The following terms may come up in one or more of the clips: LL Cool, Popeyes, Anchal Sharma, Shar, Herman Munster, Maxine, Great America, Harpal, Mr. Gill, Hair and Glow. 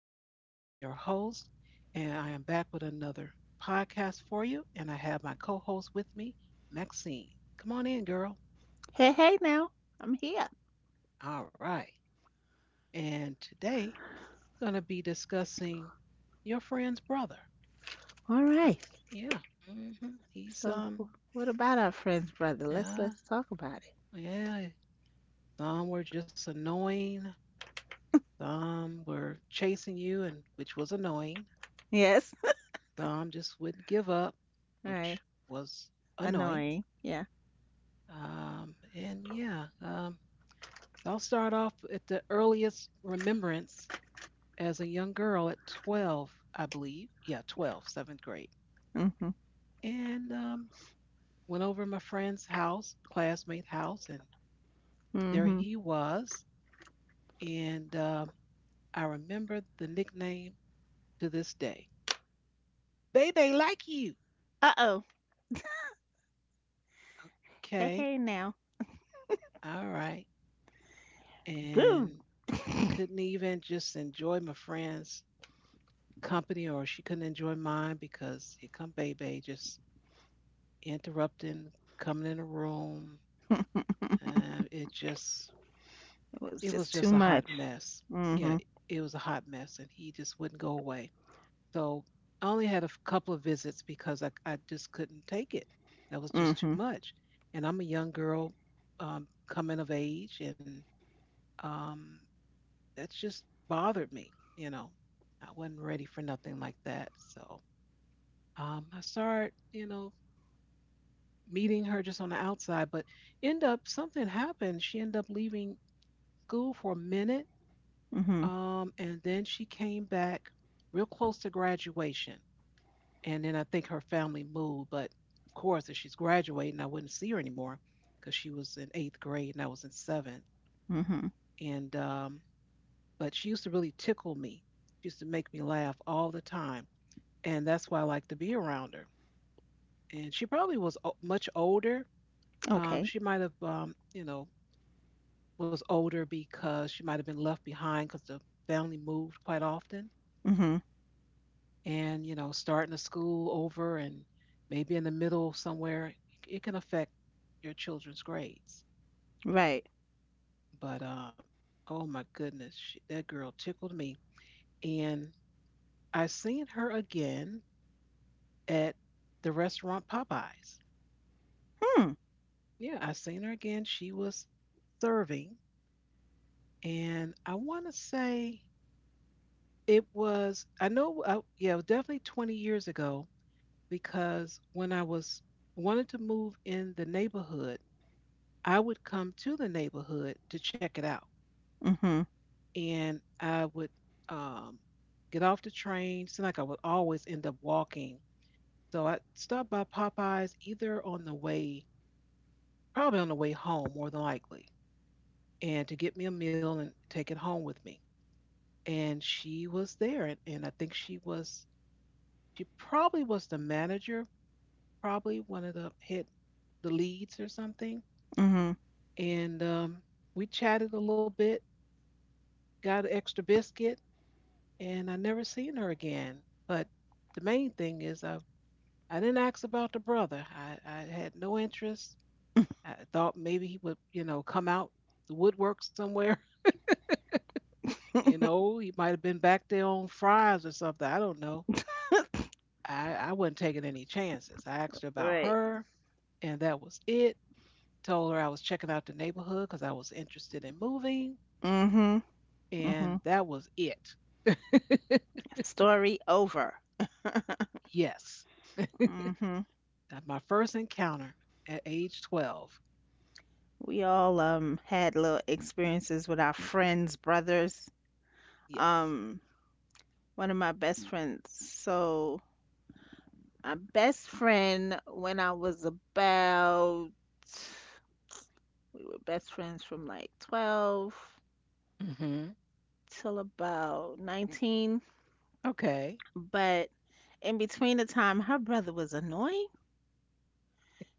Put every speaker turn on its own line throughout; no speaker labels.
am Shar, I am your host, and I am back with another podcast for you. And I have my co host with me, Maxine. Come on in, girl.
Hey, hey now. I'm here.
All right. And today, going to be discussing your friend's brother.
All right.
Uh, yeah, hmm he's,
So what about our friend's brother? Let's
yeah,
talk about it.
yeah. Some were just annoying, some were chasing you, and which was annoying.
Yes.
Some just wouldn't give up,
All right.
which was annoying.
Annoying. Yeah.
Um, and yeah, um, I'll start off at the earliest remembrance as a young girl at 12, I believe. Yeah, 12, seventh grade.
Mm-hmm.
And Went over to my friend's house, classmate house, and there
Mm-hmm.
he was. And I remember the nickname to this day. Bebe like you.
Uh-oh. Hey,
Okay,
hey now.
all right.
Boo.
And couldn't even just enjoy my friend's company or she couldn't enjoy mine because here come baby just interrupting, coming in the room. And it just,
It was
it was
just
just a
too
hot
much.
mess. Yeah,
Mm-hmm.
it was a hot mess and he just wouldn't go away. So I only had a couple of visits because I just couldn't take it. That was just too
Mm-hmm.
much. And I'm a young girl coming of age and um, that's just bothered me. You know, I wasn't ready for nothing like that. So I started, you know, meeting her just on the outside, but end up something happened. She ended up leaving school for a minute,
Mm-hmm.
and then she came back real close to graduation. And then I think her family moved, but of course, if she's graduating, I wouldn't see her anymore because she was in eighth grade and I was in seventh.
Mm-hmm.
And but she used to really tickle me. She used to make me laugh all the time. And that's why I like to be around her. And she probably was much older.
Okay.
She might have, you know, was older because she might have been left behind because the family moved quite often,
Mm-hmm.
and you know, starting a school over and maybe in the middle somewhere, it can affect your children's grades.
Right.
But oh my goodness, that girl tickled me, and I seen her again at the restaurant Popeyes.
Hmm.
Yeah, I seen her again. She was serving and I want to say it was I know I, yeah, it was definitely 20 years ago because when I was wanted to move in the neighborhood, I would come to the neighborhood to check it out,
Mm-hmm.
and I would um, get off the train. Seemed like I would always end up walking, so I stopped by Popeyes either on the way, probably on the way home, more than likely, and to get me a meal and take it home with me and she was there and I think she was she probably was the manager, probably one of the head, the leads or something.
Mm-hmm.
And we chatted a little bit, got an extra biscuit, and I never seen her again. But the main thing is, I didn't ask about the brother. I had no interest. I thought maybe he would, you know, come out the woodwork somewhere. You know, he might have been back there on fries or something. I don't know. I wasn't taking any chances. I asked her about
Right.
her, and that was it. Told her I was checking out the neighborhood because I was interested in moving,
Mm-hmm.
and
Mm-hmm.
that was it.
Story over.
Yes,
Mm-hmm.
that my first encounter at age 12.
We all had little experiences with our friends, brothers.
Yes.
Um, one of my best friends. So my best friend when I was about we were best friends from like 12
hmm
till about 19,
Okay.
but in between the time her brother was annoying.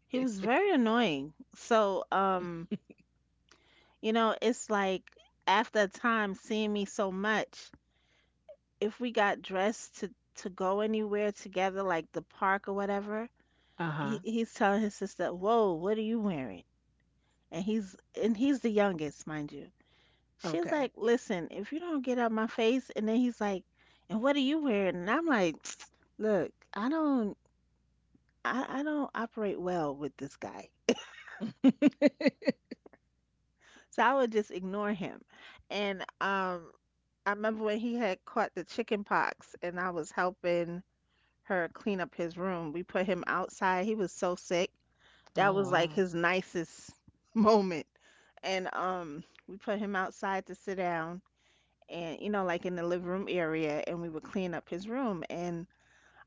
He was very annoying. You know, it's like after a time seeing me so much if we got dressed to go anywhere together, like the park or whatever,
Uh
he
huh.
he's telling his sister, "Whoa, what are you wearing?" And he's and he's the youngest, mind you. She's
Okay.
like, "Listen, if you don't get out my face," and then he's like, "And what are you wearing?" And I'm like, "Look, I don't." I don't operate well with this guy. So I would just ignore him. And I remember when he had caught the chicken pox and I was helping her clean up his room. We put him outside. He was so sick. That
Oh
was like
wow.
his nicest moment. And we put him outside to sit down and you know like in the living room area and we would clean up his room and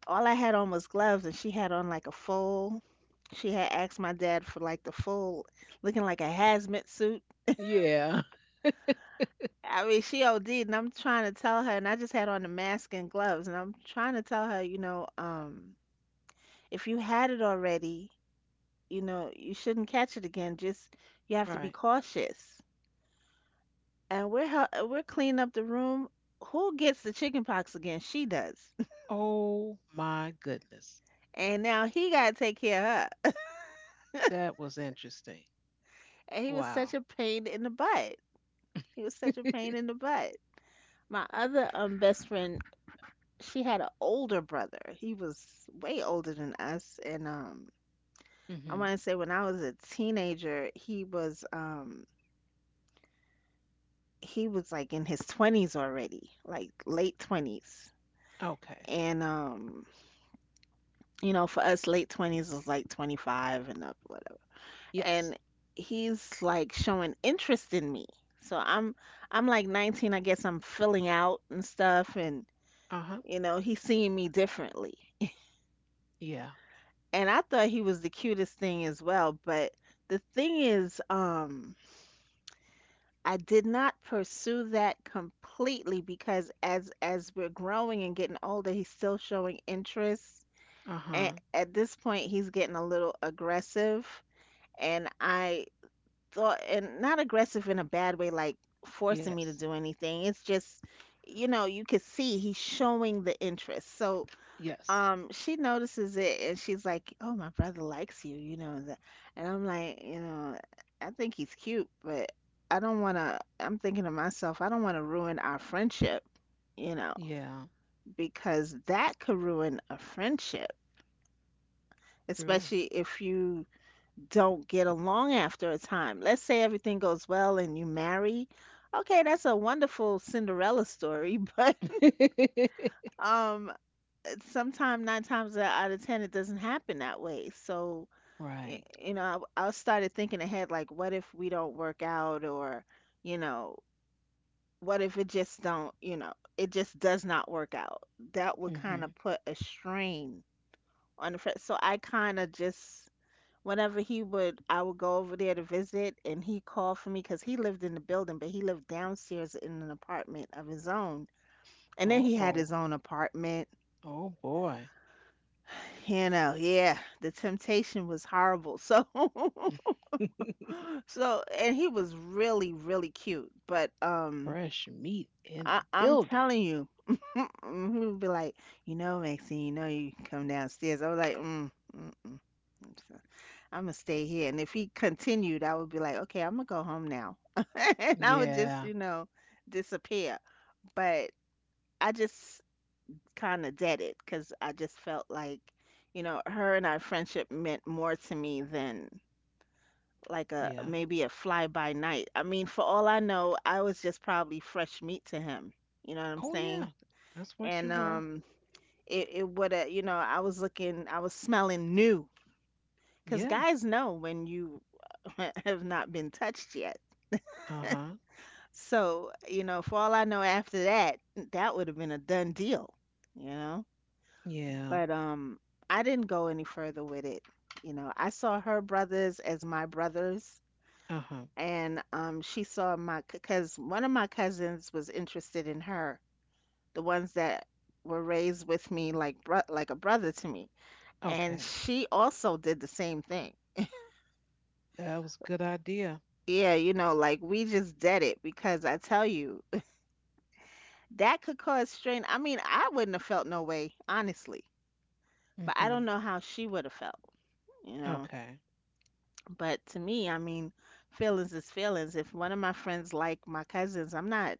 all I had on was gloves and she had on like a full, she had asked my dad for like the full looking like a hazmat suit.
Yeah.
I mean, she OD'd and I'm trying to tell her and I just had on the mask and gloves and I'm trying to tell her, you know, if you had it already, you know, you shouldn't catch it again. Just you have to be
Right.
cautious. And we're cleaning up the room. Who gets the chicken pox again? She does.
Oh my goodness.
And now he gotta take care of her.
That was interesting.
And he was such
Wow.
a pain in the butt. He was such a pain in the butt. My other best friend, she had an older brother. He was way older than us, and I want
hmm
to say when I was a teenager, he was like in his twenties already, like late 20s,
Okay.
and you know, for us, late 20s is like 25 and up, whatever. And
Yes.
he's like showing interest in me. So I'm like 19, I guess I'm filling out and stuff and
Uh huh.
you know, he's seeing me differently.
Yeah.
And I thought he was the cutest thing as well, but the thing is, I did not pursue that completely because as we're growing and getting older, he's still showing interest.
Uh huh.
And at this point, he's getting a little aggressive and I thought, and not aggressive in a bad way like forcing me to
Yes.
do anything, it's just you know you could see he's showing the interest. so
Yes.
um she notices it and she's like, oh, my brother likes you, you know that. And I'm like, you know, I think he's cute, but I'm thinking to myself, I don't want to ruin our friendship, you know,
Yeah.
because that could ruin a friendship,
True.
especially if you don't get along after a time. Let's say everything goes well and you marry. Okay, that's a wonderful Cinderella story, but um, sometime nine times out of ten, it doesn't happen that way. So,
Right.
you know, I started thinking ahead, like, what if we don't work out? Or, you know, what if it just don't, you know, it just does not work out? That would kind of
Mm-hmm.
put a strain on the friend. So I kind of just whenever he would, I would go over there to visit, and he called for me because he lived in the building, but he lived downstairs in an apartment of his own. And then he had his
Uh-oh.
own apartment.
Oh boy.
You know, yeah, the temptation was horrible. So, so, and he was really, really cute. But
Fresh meat in
I,
the
I'm
building.
telling you, he would be like, you know, Maxine, you know, you come downstairs. I was like, mm, mm, mm. I'm gonna stay here. And if he continued, I would be like, okay, I'm gonna go home now. And I would just,
Yeah.
you know, disappear. But I just kind of did it because I just felt like, you know, her and our friendship meant more to me than like a
Yeah.
maybe a fly by night. I mean, for all I know, I was just probably fresh meat to him. You know what I'm
Oh yeah.
saying?
That's what you
And
were.
um, it, it would have, you know, I was looking, I was smelling new because
Yeah.
guys know when you have not been touched yet.
Uh-huh.
So, you know, for all I know after that, that would have been a done deal, you know?
Yeah.
But I didn't go any further with it. You know, I saw her brothers as my brothers,
Uh-huh.
and she saw my cuz one of my cousins was interested in her, the ones that were raised with me like like a brother to me. And
Okay.
she also did the same thing.
That was a good idea.
Yeah, you know, like we just did it because I tell you, that could cause strain. I mean, I wouldn't have felt no way, honestly. But I
Mm-hmm.
don't know how she would have felt, you know.
Okay.
But to me, I mean, feelings is feelings. If one of my friends like my cousins,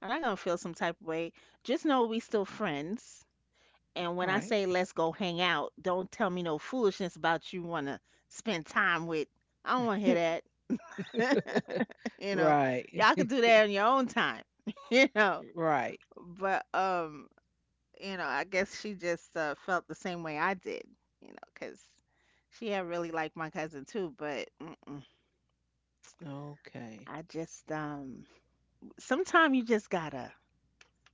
I'm not gonna feel some type of way. Just know we still friends. And when I
Right.
say let's go hang out, don't tell me no foolishness about you wanna spend time with. I don't wanna hear that. You know,
Right.
y'all can do that on your own time, you know.
Right.
But you know, I guess she just felt the same way I did, you know, because she had really liked my cousin too. But mm-mm,
Okay.
I just, sometimes you just gotta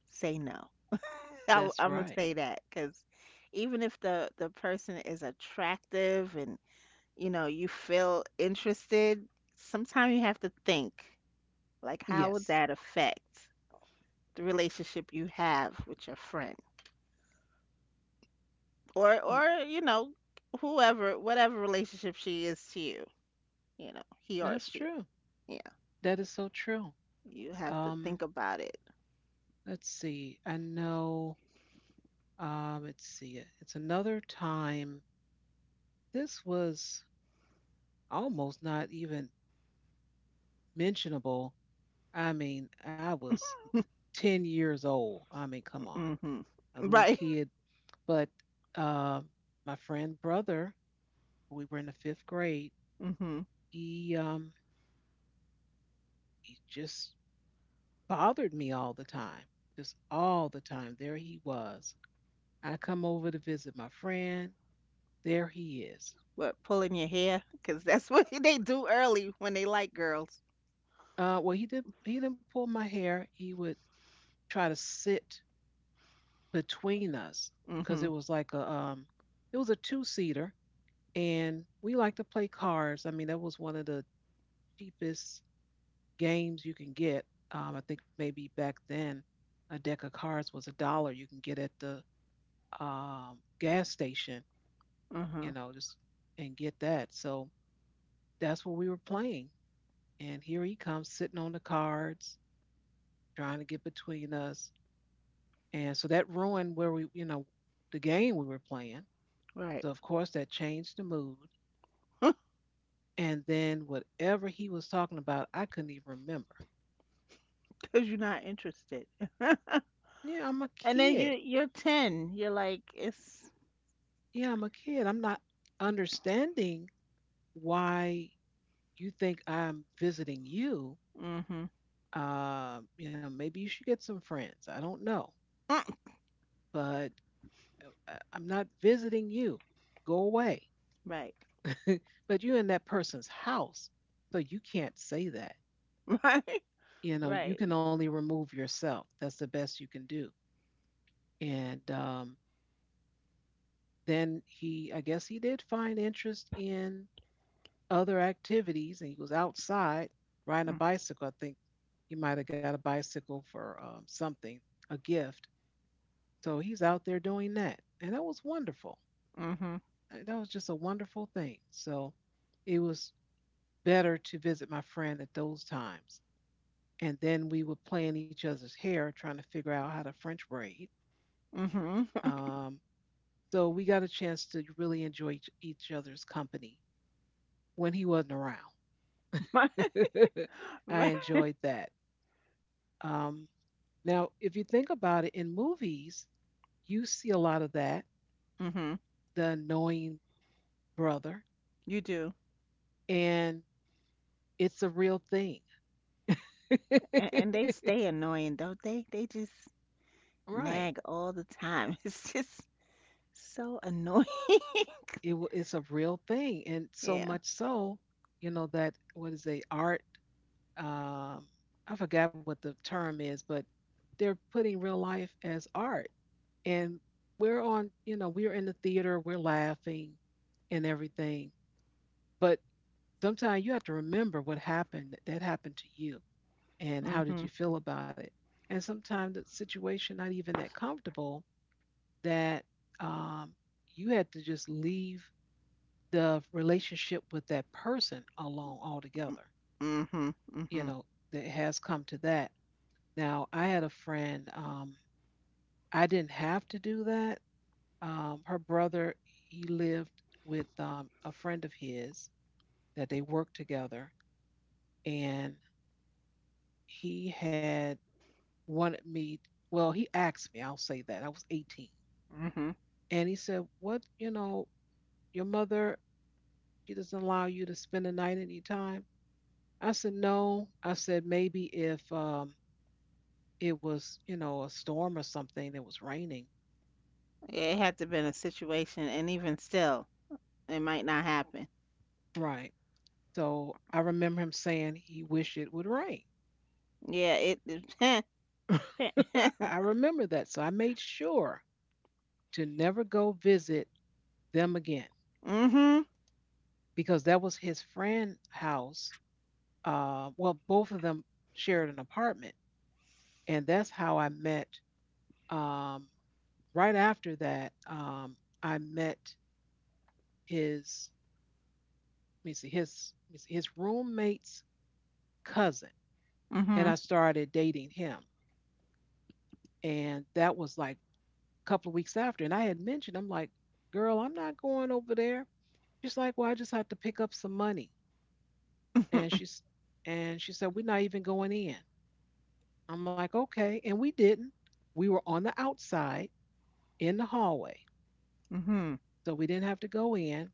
say no. I
That's
am gonna
right.
say that because even if the person is attractive and you know you feel interested, sometimes you have to think like, how would
Yes.
that affect the relationship you have with your friend, or
Y-
or you know, whoever, whatever relationship she is to you, you know, he or
That's
she.
true.
Yeah,
That is so true.
you have to
Um,
think about it.
let's see. I know. Let's see. It's another time. This was almost not even mentionable. I mean, I was 10 years old. I mean, come on,
Hmm.
a little
Right.
kid. But uh, my friend brother, we were in the fifth grade.
Hmm.
He um, he just bothered me all the time. Just all the time. There he was. I come over to visit my friend. There he is.
What, pulling your hair? Because that's what they do early when they like girls.
Well, he did. He didn't pull my hair. He would try to sit between us because
Hmm.
it was like a it was a two seater, and we like to play cards. I mean, that was one of the cheapest games you can get. I think maybe back then, a deck of cards was a dollar you can get at the gas station.
Hmm.
You know, just and get that. So that's what we were playing. And here he comes sitting on the cards, trying to get between us. And so that ruined where we, you know, the game we were playing.
Right.
So of course that changed the mood. And then whatever he was talking about, I couldn't even remember.
Because you're not interested.
Yeah, I'm a
And then
kid.
you're 10. You're like, it's...
Yeah, I'm a kid. I'm not understanding why you think I'm visiting you.
Hmm.
You know, maybe you should get some friends. I don't know, but I'm not visiting you. Go away.
Right.
But you're in that person's house, so you can't say that.
Right.
You know you
Right.
can only remove yourself, that's the best you can do. And then he I guess he did find interest in other activities and he was outside riding a bicycle. I think he might have got a bicycle for something, a gift. So he's out there doing that and that was wonderful.
Mm-hmm.
That was just a wonderful thing. So it was better to visit my friend at those times, and then we would play in each other's hair trying to figure out how to french braid.
Mm-hmm.
um, So we got a chance to really enjoy each other's company when he wasn't around.
Right.
I
Right.
enjoyed that. Um, now, if you think about it, in movies, you see a lot of that,
Mm-hmm.
the annoying brother,
You do.
and it's a real thing.
And they stay annoying, don't they? They just
Right.
nag all the time. It's just so annoying.
It's a real thing, and so
Yeah.
much so, you know that what is a art um, I forgot what the term is, but they're putting real life as art. And we're on, you know, we're in the theater, we're laughing and everything. But sometimes you have to remember what happened that happened to you and how did
Mhm.
you feel about it. And sometimes the situation not even that comfortable that um, you had to just leave the relationship with that person alone altogether.
Mm- Mhm.
You
Mhm.
know, that has come to that. Now, I had a friend, I didn't have to do that. Her brother, he lived with a friend of his that they worked together, and he had wanted me, well, he asked me, I'll say that. I was 18.
Mhm.
And he said, what, you know, your mother, she doesn't allow you to spend the night any time? I said, no. I said, maybe if it was, you know, a storm or something that was raining.
Yeah, it had to been a situation, and even still, it might not happen.
Right. So I remember him saying he wished it would rain.
Yeah. It. It.
I I remember that. So I made sure to never go visit them again
Mhm.
because that was his friend's house. Well, both of them shared an apartment. And that's how I met, um, right after that, I met his, let me see, his roommate's cousin. And I
Mhm.
started dating him. And that was like couple of weeks after. And I had mentioned, I'm like, girl, I'm not going over there. She's like, well, I just have to pick up some money. And she's and she said, we're not even going in. I'm like, okay. And we didn't. We were on the outside in the hallway.
Mhm.
So we didn't have to go in.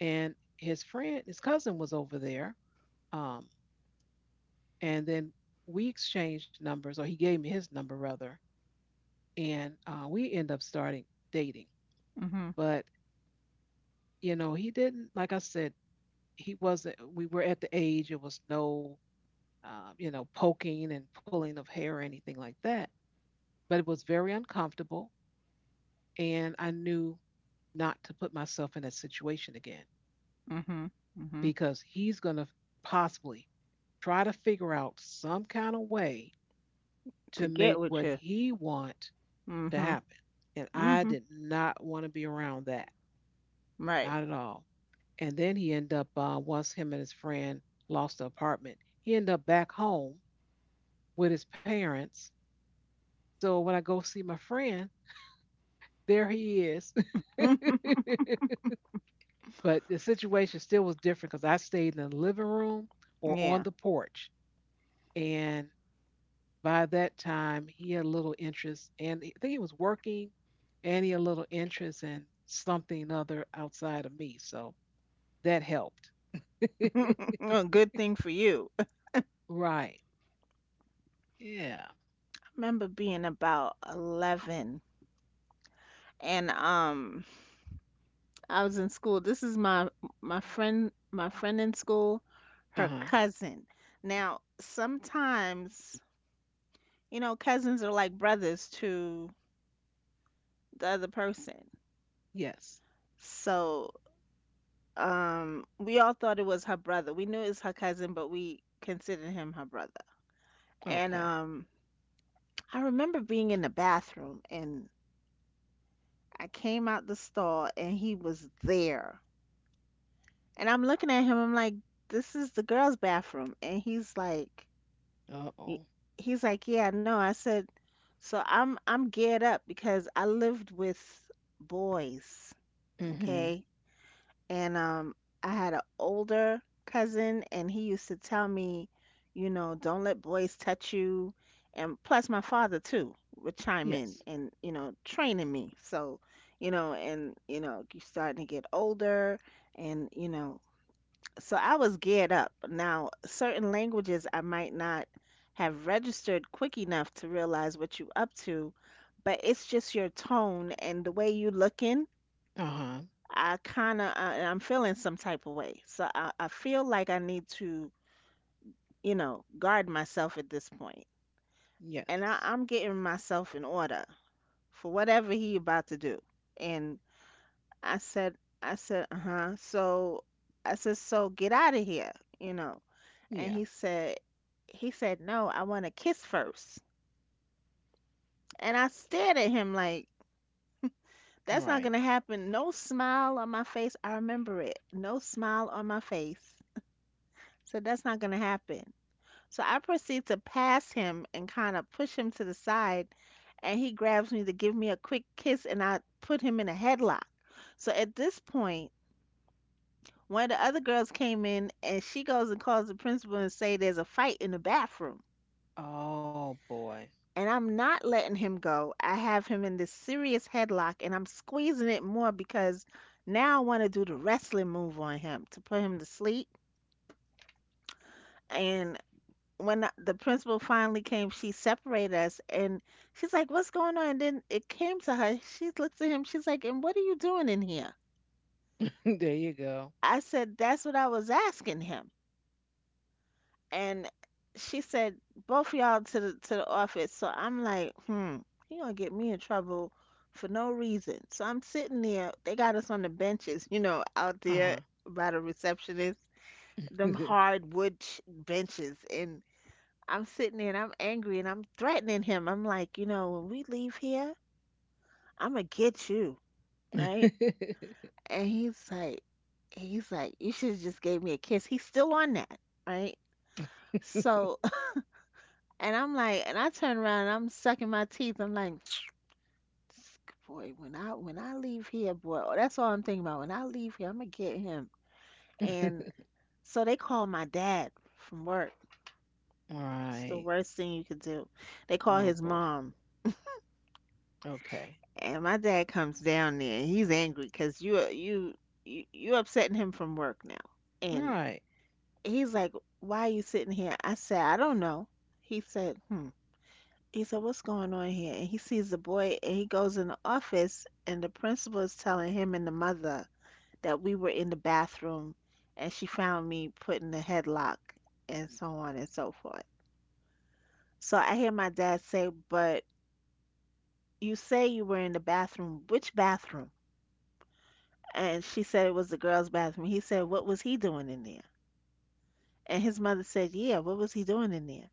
And his friend, his cousin was over there. Um, and then we exchanged numbers, or he gave me his number rather, and we end up starting dating.
Mhm.
But you know, he didn't, like I said, he wasn't we were at the age it was no you know poking and pulling of hair or anything like that, but it was very uncomfortable and I knew not to put myself in that situation again
Mhm. Mhm.
because he's going to possibly try to figure out some kind of way to
To
make
get
what
with you.
he wants to
Mhm.
happen, and I
Mhm.
did not want to be around that,
Right.
not at all. And then he ended up once him and his friend lost the apartment he ended up back home with his parents. So when I go see my friend, there he is. But the situation still was different because I stayed in the living room or on
Yeah.
the porch. And by that time, he had a little interest, and I think he was working, and he had a little interest in something other outside of me. So that helped.
A good thing for you.
Right. Yeah.
Remember being about 11 and I was in school. This is my my friend in school,
Uh
her
huh.
cousin. Now, sometimes, you know, cousins are like brothers to the other person.
Yes.
So, we all thought it was her brother. We knew it was her cousin, but we considered him her brother. And
Okay.
I remember being in the bathroom and I came out the stall and he was there. And I'm looking at him, I'm like, this is the girls' bathroom. And he's like,
Uh
Y-
oh.
he's like, yeah, no. I said, so I'm geared up because I lived with boys,
Mm hmm.
okay? And I had an older cousin and he used to tell me, you know, don't let boys touch you. And plus my father too would chime
Yes.
in and, you know, training me. So, you know, and you know, you are starting to get older and, you know, so I was geared up. Now, certain languages I might not have registered quick enough to realize what you up to, but it's just your tone and the way you looking.
Uh huh.
I kind of, I'm feeling some type of way. So I feel like I need to, you know, guard myself at this point. And
Yes.
I'm getting myself in order for whatever he about to do. And I said, uh huh. So I said, so get out of here, you know. And
Yeah.
he said, no, I want to kiss first. And I stared at him like,
All
that's not
right.
going to happen. No smile on my face. I remember it. No smile on my face. So that's not going to happen. So I proceed to pass him and kind of push him to the side. And he grabs me to give me a quick kiss, and I put him in a headlock. So at this point, one of the other girls came in and she goes and calls the principal and say there's a fight in the bathroom.
Oh boy.
And I'm not letting him go. I have him in this serious headlock and I'm squeezing it more because now I want to do the wrestling move on him to put him to sleep. And when the principal finally came, she separated us and she's like, "What's going on?" And then it came to her. She looks at him. She's like, "And what are you doing in here?"
There you go.
I said, "That's what I was asking him." And she said, "Both y'all to the office." So I'm like, hmm, he gonna get me in trouble for no reason. So I'm sitting there. They got us on the benches, you know, out there
Uh-huh.
by the receptionist, them hardwood benches, and I'm sitting there and I'm angry and I'm threatening him. I'm like, you know, "When we leave here, I'm gonna get you, right?" And he's like, "You should have just gave me a kiss." He's still on that, right? So and I'm like, and I turn around and I'm sucking my teeth. I'm like, "This boy, when I leave here, boy," oh, that's all I'm thinking about. "When I leave here, I'm gonna get him." And so they call my dad from work. It's the
Right.
worst thing you could do. They
Oh
call his
boy.
mom,
Okay.
and my dad comes down there. And he's angry because you upsetting him from work now. And
Right.
he's like, "Why are you sitting here?" I said, "I don't know." He said, "Hmm." He said, "What's going on here?" And he sees the boy and he goes in the office and the principal is telling him and the mother that we were in the bathroom and she found me put in the headlock and so on and so forth. So I hear my dad say, "But you say you were in the bathroom. Which bathroom?" And she said it was the girls' bathroom. He said, "What was he doing in there?" And his mother said, "Yeah, what was he doing in there?"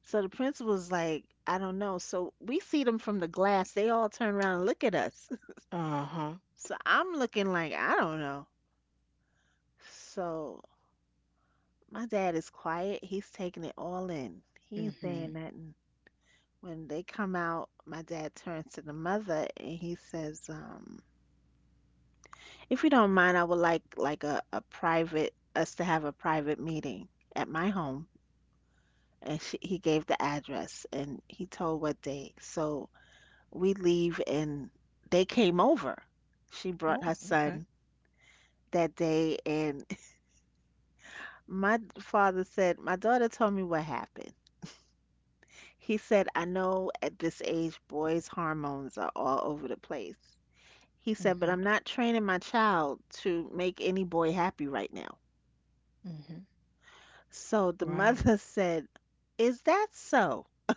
So the principal's like, "I don't know." So we see them from the glass. They all turn around and look at us.
Uh-huh.
So I'm looking like, I don't know. So my dad is quiet. He's taking it all in. He ain't
Mm-hmm.
saying nothing. When they come out, my dad turns to the mother and he says, "If you don't mind, I would like a private us to have a private meeting at my home." And she, he gave the address and he told what day. So we leave and they came over. She
Oh,
brought her
okay.
son that day, and my father said, "My daughter told me what happened." He said, "I know at this age boys' hormones are all over the place." He said, "But
Mm-hmm.
I'm not training my child to make any boy happy right now."
Mm-hmm.
So the
Right.
mother said, "Is that so?"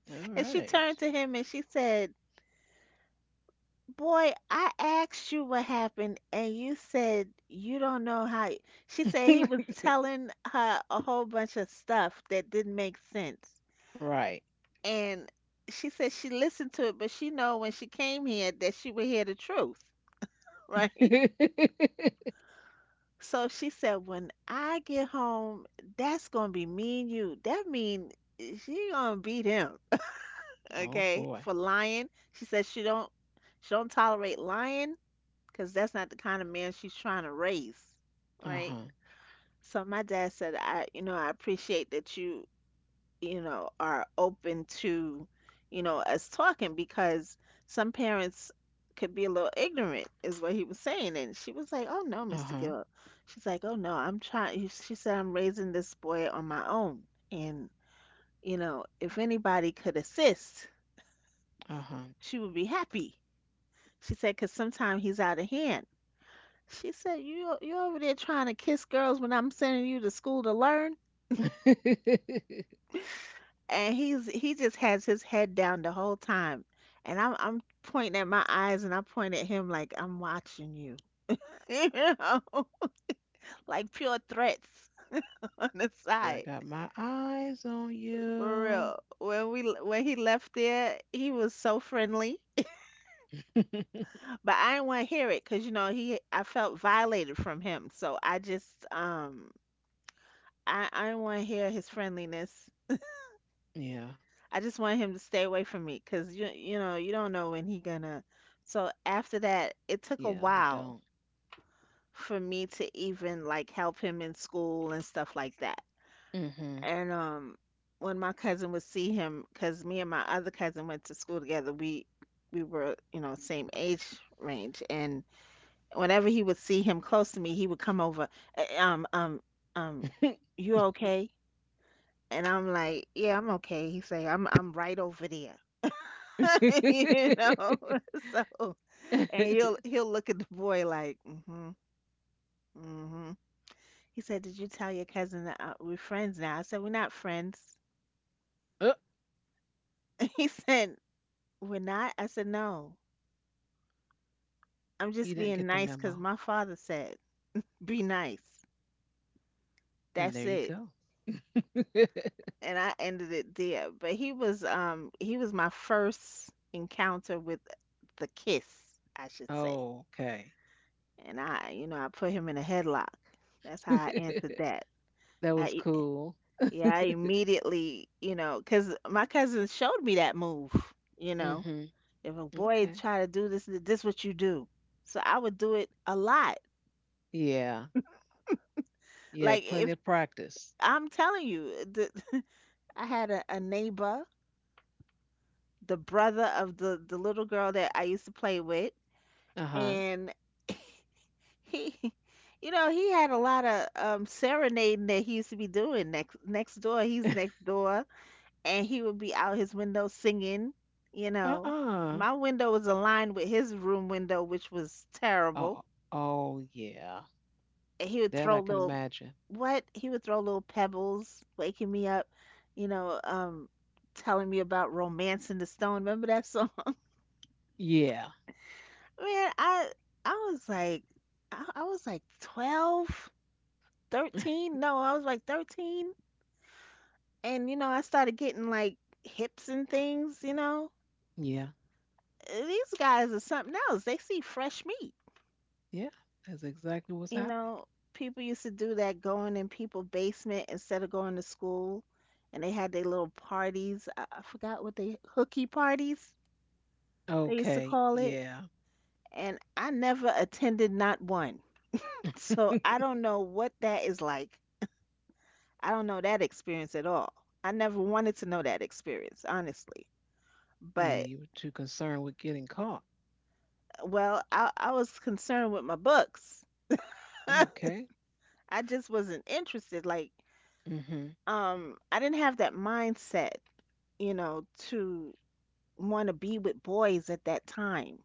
All
And she
right.
turned to him and she said, "Boy, I asked you what happened, and you said you don't know how. She said he was telling her a whole bunch of stuff that didn't make sense.
Right.
And she said she listened to it, but she know when she came here that she would hear the truth, right? So she said, "When I get home, that's gonna be me and you." That mean she gonna beat him,
Oh
okay?
boy.
For lying. She said she don't tolerate lying because that's not the kind of man she's trying to raise, right?
Uh-huh.
So my dad said, "I, you know, I appreciate that you know, are open to, you know, us talking because some parents could be a little ignorant," is what he was saying. And she was like, "Oh no, Mr.
Uh-huh.
Gill." She's like, "Oh no, I'm trying." She said, "I'm raising this boy on my own. And, you know, if anybody could assist,"
Uh-huh.
she would be happy. She said, "Because sometimes he's out of hand." She said, You over there trying to kiss girls when I'm sending you to school to learn?" And he just has his head down the whole time. And I'm pointing at my eyes and I point at him like, "I'm watching you." You know? Like pure threats on the
I
side.
got my eyes on
For
you.
real. When he left there, he was so friendly, but I didn't want to hear it cuz you know, he I felt violated from him. So I just I didn't want to hear his friendliness.
Yeah.
I just want him to stay away from me cuz you know, you don't know when he gonna. So after that, it took a
Yeah, you
while
don't.
for me to even like help him in school and stuff like that.
Mm-hmm.
And when my cousin would see him, cuz me and my other cousin went to school together, we were, you know, same age range, and whenever he would see him close to me, he would come over, "Uh, um um um you okay?" And I'm like, "Yeah, I'm okay." He's like, I'm right over there." You know. So and he'll look at the boy like, mm-hmm, mm-hmm. He said, "Did you tell your cousin that we're friends now?" I said, "We're not friends."
Oh,
He said, "We're not?" I said, "No. I'm
he
just
didn't
being
get the
nice because
memo.
my father said, 'Be nice.'"
And
That's
there you
it.
go.
And I ended it there. But he was my first encounter with the kiss, I should say.
Okay.
And I, you know, I put him in a headlock. That's how I answered that.
That was
I
cool.
Yeah, I immediately, you know, 'cause my cousin showed me that move, you know.
Hmm.
"If a boy
Okay.
try to do this, this what you do." So I would do it a lot.
Yeah. Yeah.
Like
Plenty
if
of practice.
I'm telling you, the, I had a neighbor, the brother of the little girl that I used to play with,
Uh huh.
and he, you know, he had a lot of serenading that he used to be doing next door. He's next door, and he would be out his window singing. You know,
Uh.
my window was aligned with his room window, which was terrible.
Oh, oh, yeah.
He would
That
throw
I can
little
imagine.
what he would throw little pebbles waking me up, you know, telling me about romance in the stone, remember that song?
Yeah.
Man, I was like, I was like 12, 13. No, I was like 13. And you know, I started getting like hips and things, you know.
Yeah.
These guys are something else, they see fresh meat.
Yeah. That's exactly what's
You
happening.
know, people used to do that, going in people basement instead of going to school, and they had their little parties. I forgot what they hooky parties they used to
Okay.
call it,
Yeah.
and I never attended not one. So
Yeah.
I don't know what that is like. I don't know that experience at all. I never wanted to know that experience, honestly. But
You were too concerned with getting caught.
well, I was concerned with my books.
Okay.
I just wasn't interested. Like,
Mm-hmm.
I didn't have that mindset, you know, to want to be with boys at that time.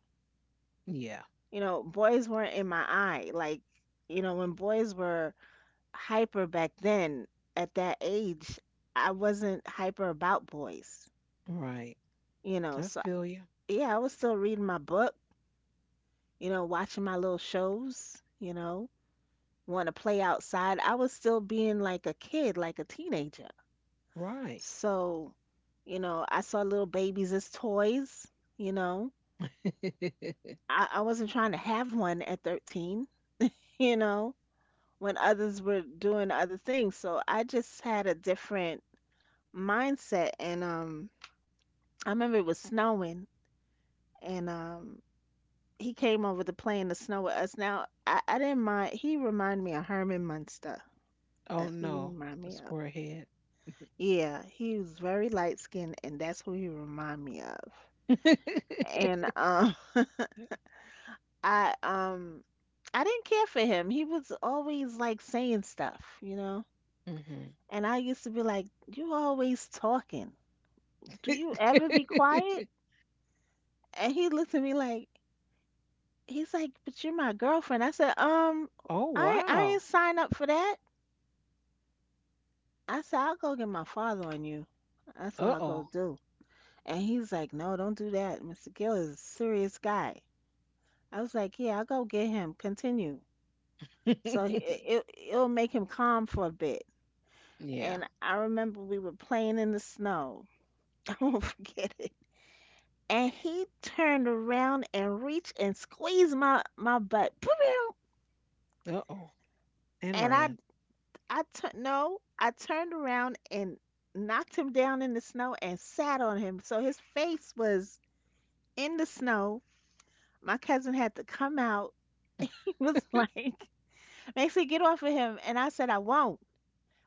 Yeah.
You know, boys weren't in my eye. Like, you know, when boys were hyper back then at that age, I wasn't hyper about boys,
Right.
you know.
I
So,
feel you.
yeah, I was still reading my book, you know, watching my little shows, you know, want to play outside. I was still being like a kid, like a teenager.
Right.
So, you know, I saw little babies as toys, you know. I wasn't trying to have one at 13, you know, when others were doing other things. So I just had a different mindset. And I remember it was snowing, and he came over to play in the snow with us. Now I didn't mind. He reminded me of Herman Munster. That's
Oh
who you
no,
remind me
the
of.
square head.
Yeah, he was very light skinned, and that's who he remind me of. And I um, I didn't care for him. He was always like saying stuff, you know.
Hmm.
And I used to be like, "You always talking. Do you ever be quiet?" And he looked at me like, "But you're my girlfriend." I said,
Oh
I ain't
wow.
sign up for that. I said, "I'll go get my father on you. That's what
Uh
I'll go
oh.
do." And he's like, "No, don't do that. Mr. Gill is a serious guy." I was like, "Yeah, I'll go get him. Continue." So it'll make him calm for a bit.
Yeah.
And I remember we were playing in the snow. I won't forget it. And he turned around and reached and squeezed my butt.
Uh oh. And
And
ran.
I tur no, I turned around and knocked him down in the snow and sat on him. So his face was in the snow. My cousin had to come out. He was like, Maxie, get off of him. And I said, I won't.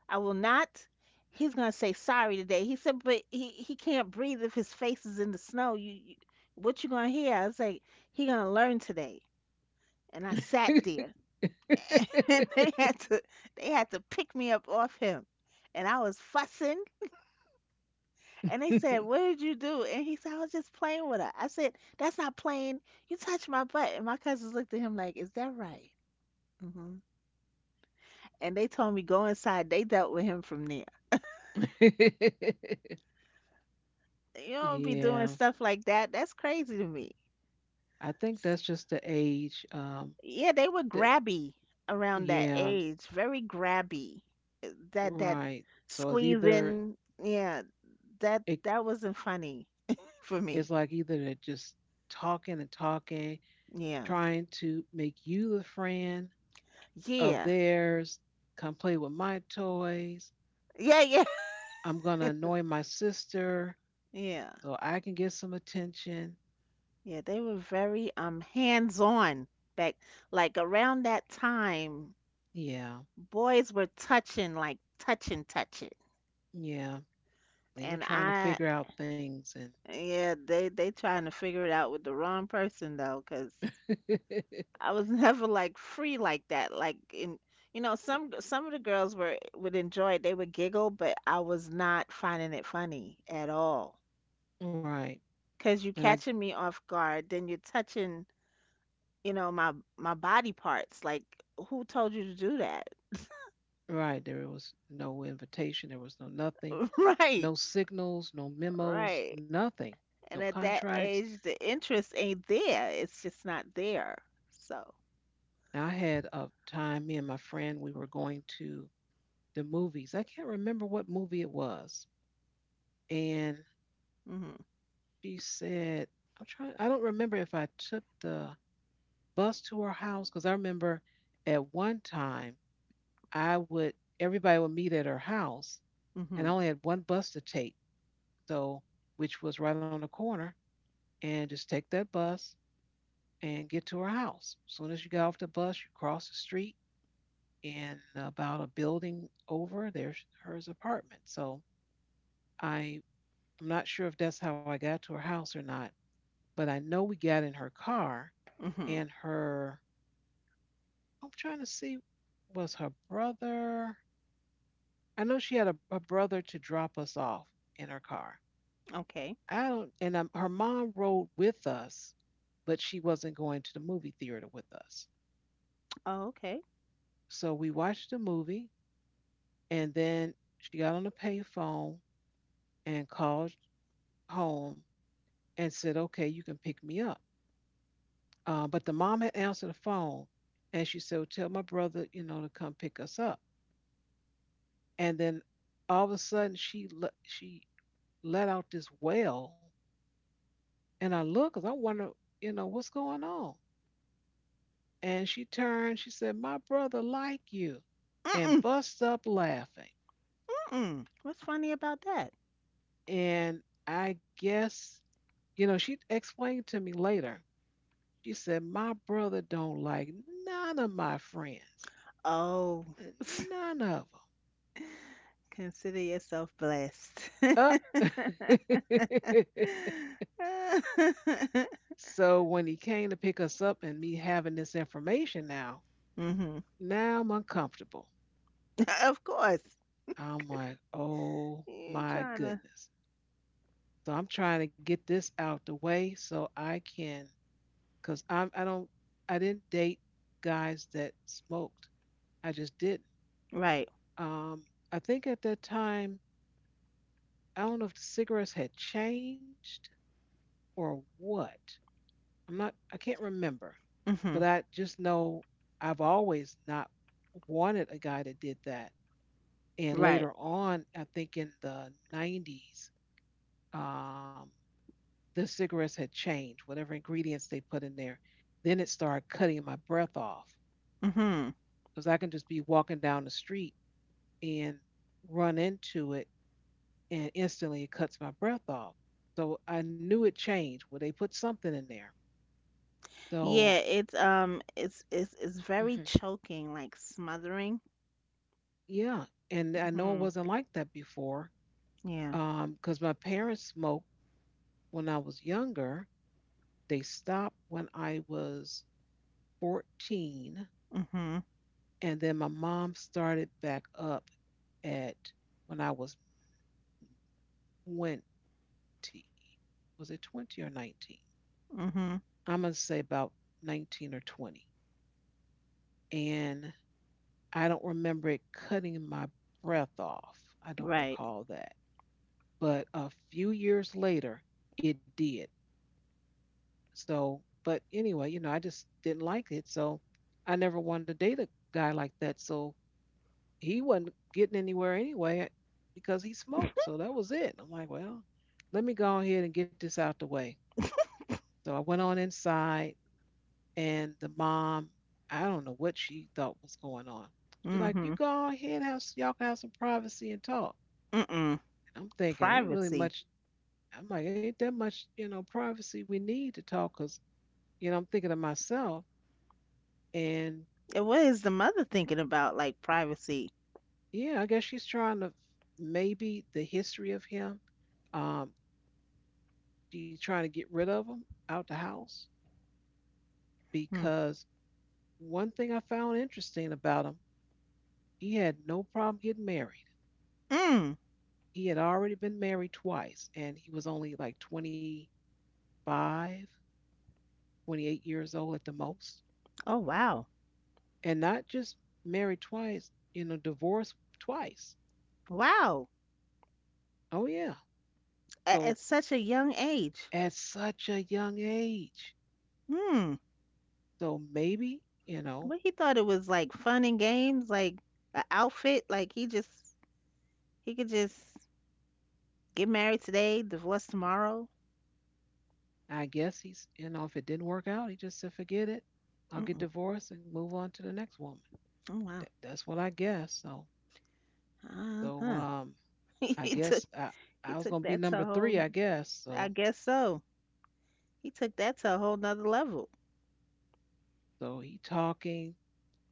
I will not. He's gonna say sorry today. He said, but he can't breathe if his face is in the snow. You what you gonna hear? I was like, he gonna learn today. And I sat there. And they had to pick me up off him. And I was fussing. And they said, what did you do? And he said, I was just playing with her. I said, that's not playing. You touched my butt. And my cousins looked at him like, is that right? Hmm. And they told me, go inside. They dealt with him from there. You don't be
Yeah.
doing stuff like that. That's crazy to me.
I think that's just the age.
Yeah, they were
That,
grabby around that
yeah.
age, very grabby. That
Right. So it's either
squeezing, yeah, that
it.
that wasn't funny for
It's
me.
like either they're just talking and talking,
Yeah.
trying to make you the friend of
Yeah.
theirs. Come play with my toys.
Yeah, yeah.
I'm going to annoy my sister
Yeah.
so I can get some attention.
Yeah, they were very hands-on back like around that time
Yeah,
boys were touching like touching.
yeah. They were
And
trying to
I
figure out things. And
Yeah, they trying to figure it out with the wrong person though, 'cause I was never like free like that. Like in You know, some of the girls were would enjoy it. They would giggle, but I was not finding it funny at all.
right.
Because you
And I,
catching me off guard, then you're touching, you know, my body parts, like who told you to do that?
right, there was no invitation, there was no nothing,
Right,
no signals, no memos,
right.
nothing, no
And at that
contracts.
age the interest ain't there, it's just not there. So
And I had a time, me and my friend, we were going to the movies. I can't remember what movie it was. And
mhm.
she said, "I'm trying. I don't remember if I took the bus to her house because I remember at one time I would everybody would meet at her house, and I
Mhm.
only had one bus to take, so which was right on the corner, and just take that bus and get to her house. As soon as you got off the bus, you cross the street, and about a building over, there's her apartment. So I." I'm not sure if that's how I got to her house or not, but I know we got in her car
Mhm.
and her I'm trying to see was her brother. I know she had a brother to drop us off in her car.
Okay.
I don't and Her mom rode with us, but she wasn't going to the movie theater with us.
Oh, okay.
So we watched the movie and then she got on the payphone and called home and said, "Okay, you can pick me up." But the mom had answered the phone and she said, well, "Tell my brother, you know, to come pick us up." And then all of a sudden she let out this wail. And I look because I wonder, you know, what's going on. And she turned, she said, "My brother like you," and
Mm.
bust up laughing.
Mm, what's funny about that?
And I guess, you know, she explained to me later. She said, "My brother don't like none of my friends.
Oh,
None of
consider yourself blessed.
them." Uh. So when he came to pick us up and me having this information now,
Mhm.
now I'm uncomfortable.
Of course.
I'm like,
You
oh
ain't
my
trying to
goodness. So I'm trying to get this out the way so I can, cause I'm I don't I didn't date guys that smoked. I just didn't.
right.
Um, I think at that time I don't know if the cigarettes had changed or what. I can't remember, but
Mhm.
I just know I've always not wanted a guy that did that. And
Right.
later on, I think in the 90s, um, the cigarettes had changed, whatever ingredients they put in there. Then it started cutting my breath off
Mm-hmm.
because I can just be walking down the street and run into it, and instantly it cuts my breath off. So I knew it changed. Well, they put something in there. So.
Yeah, it's it's very
Mhm.
choking, like smothering.
Yeah, and I know it
Mm-hmm.
wasn't like that before
Yeah.
because my parents smoked when I was younger. They stopped when I was 14,
Mm-hmm.
and then my mom started back up at when I was 20. Was it 20 or 19?
Mm-hmm.
I'm going to say about 19 or 20. And I don't remember it cutting my breath off. I don't
Right.
recall that. But a few years later, it did. So, but anyway, you know, I just didn't like it. So I never wanted to date a guy like that. So he wasn't getting anywhere anyway because he smoked. So that was it. I'm like, well, let me go ahead and get this out the way. So I went on inside, and the mom, I don't know what she thought was going on. She's like, "You
Mm-hmm.
go on here and have y'all can have some privacy and talk."
Mm-mm.
And I'm thinking, ain't really
Privacy.
much. I'm like, ain't that much, you know, privacy we need to talk? Cause you know, I'm thinking to myself, and
And what is the mother thinking about, like privacy?
yeah, I guess she's trying to maybe the history of him. Um, she's trying to get rid of him out the house
Hmm.
because one thing I found interesting about him, he had no problem getting married.
Mm.
He had already been married twice, and he was only like 25, 28 years old at the most.
Oh wow.
And not just married twice, you know, divorced twice.
Wow.
Oh, yeah.
At
So
such a young age.
at such a young age.
Hmm.
So maybe, you
What
know,
he thought it was like fun and games, like an outfit, like he could just get married today, divorce tomorrow.
I guess he's, you know, if it didn't work out, he just said, forget it. I'll get
Mm-mm.
divorced and move on to the next woman.
Oh wow.
That's what I guess. So, so,
Uh-huh.
um, I
He took
guess I,
he
I was
took
gonna be
that to a
number
whole
three, I guess.
I
So,
guess so. He took that to a whole nother level.
he talking.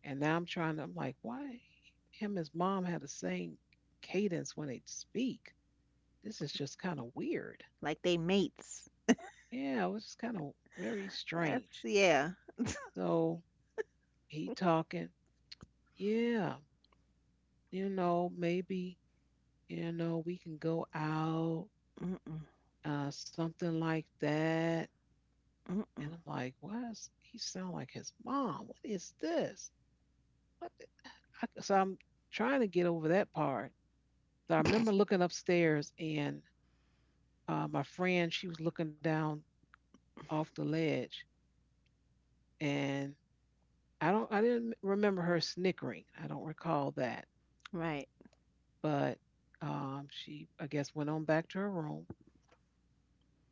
And now I'm like, why him and his mom had the same cadence when they speak? This is just kind of weird.
Like they mates.
Yeah, it was just kind of very strange.
That's yeah.
So he talking, yeah, you know, maybe, you know, we can go out,
Mm-mm.
something like that.
Mm-mm.
And I'm like, why he sound like his mom? What is this? What? So I'm trying to get over that part. So I remember looking upstairs and my friend, she was looking down off the ledge, and I didn't remember her snickering. I don't recall that,
Right.
but she, I guess, went on back to her room,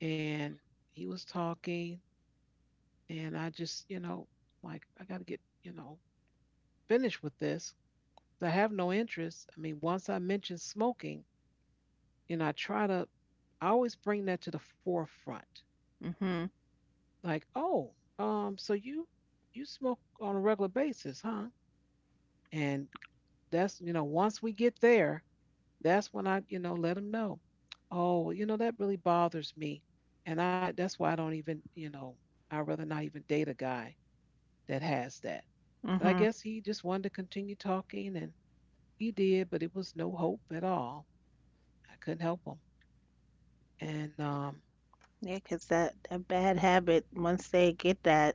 and he was talking, and I just, you know, like I got to get, you know, finished with this. 'Cause I have no interest. I mean, once I mention smoking, you know, I always bring that to the forefront.
Mhm.
Like, oh, so you, smoke on a regular basis, huh? And that's, you know, once we get there, that's when I, you know, let them know, oh well, you know, that really bothers me. And I, that's why I don't even, you know, I'd rather not even date a guy that has that. But I
Mhm.
guess he just wanted to continue talking and he did, but it was no hope at all. I couldn't help him. And
Yeah, 'cause that bad habit, once they get that,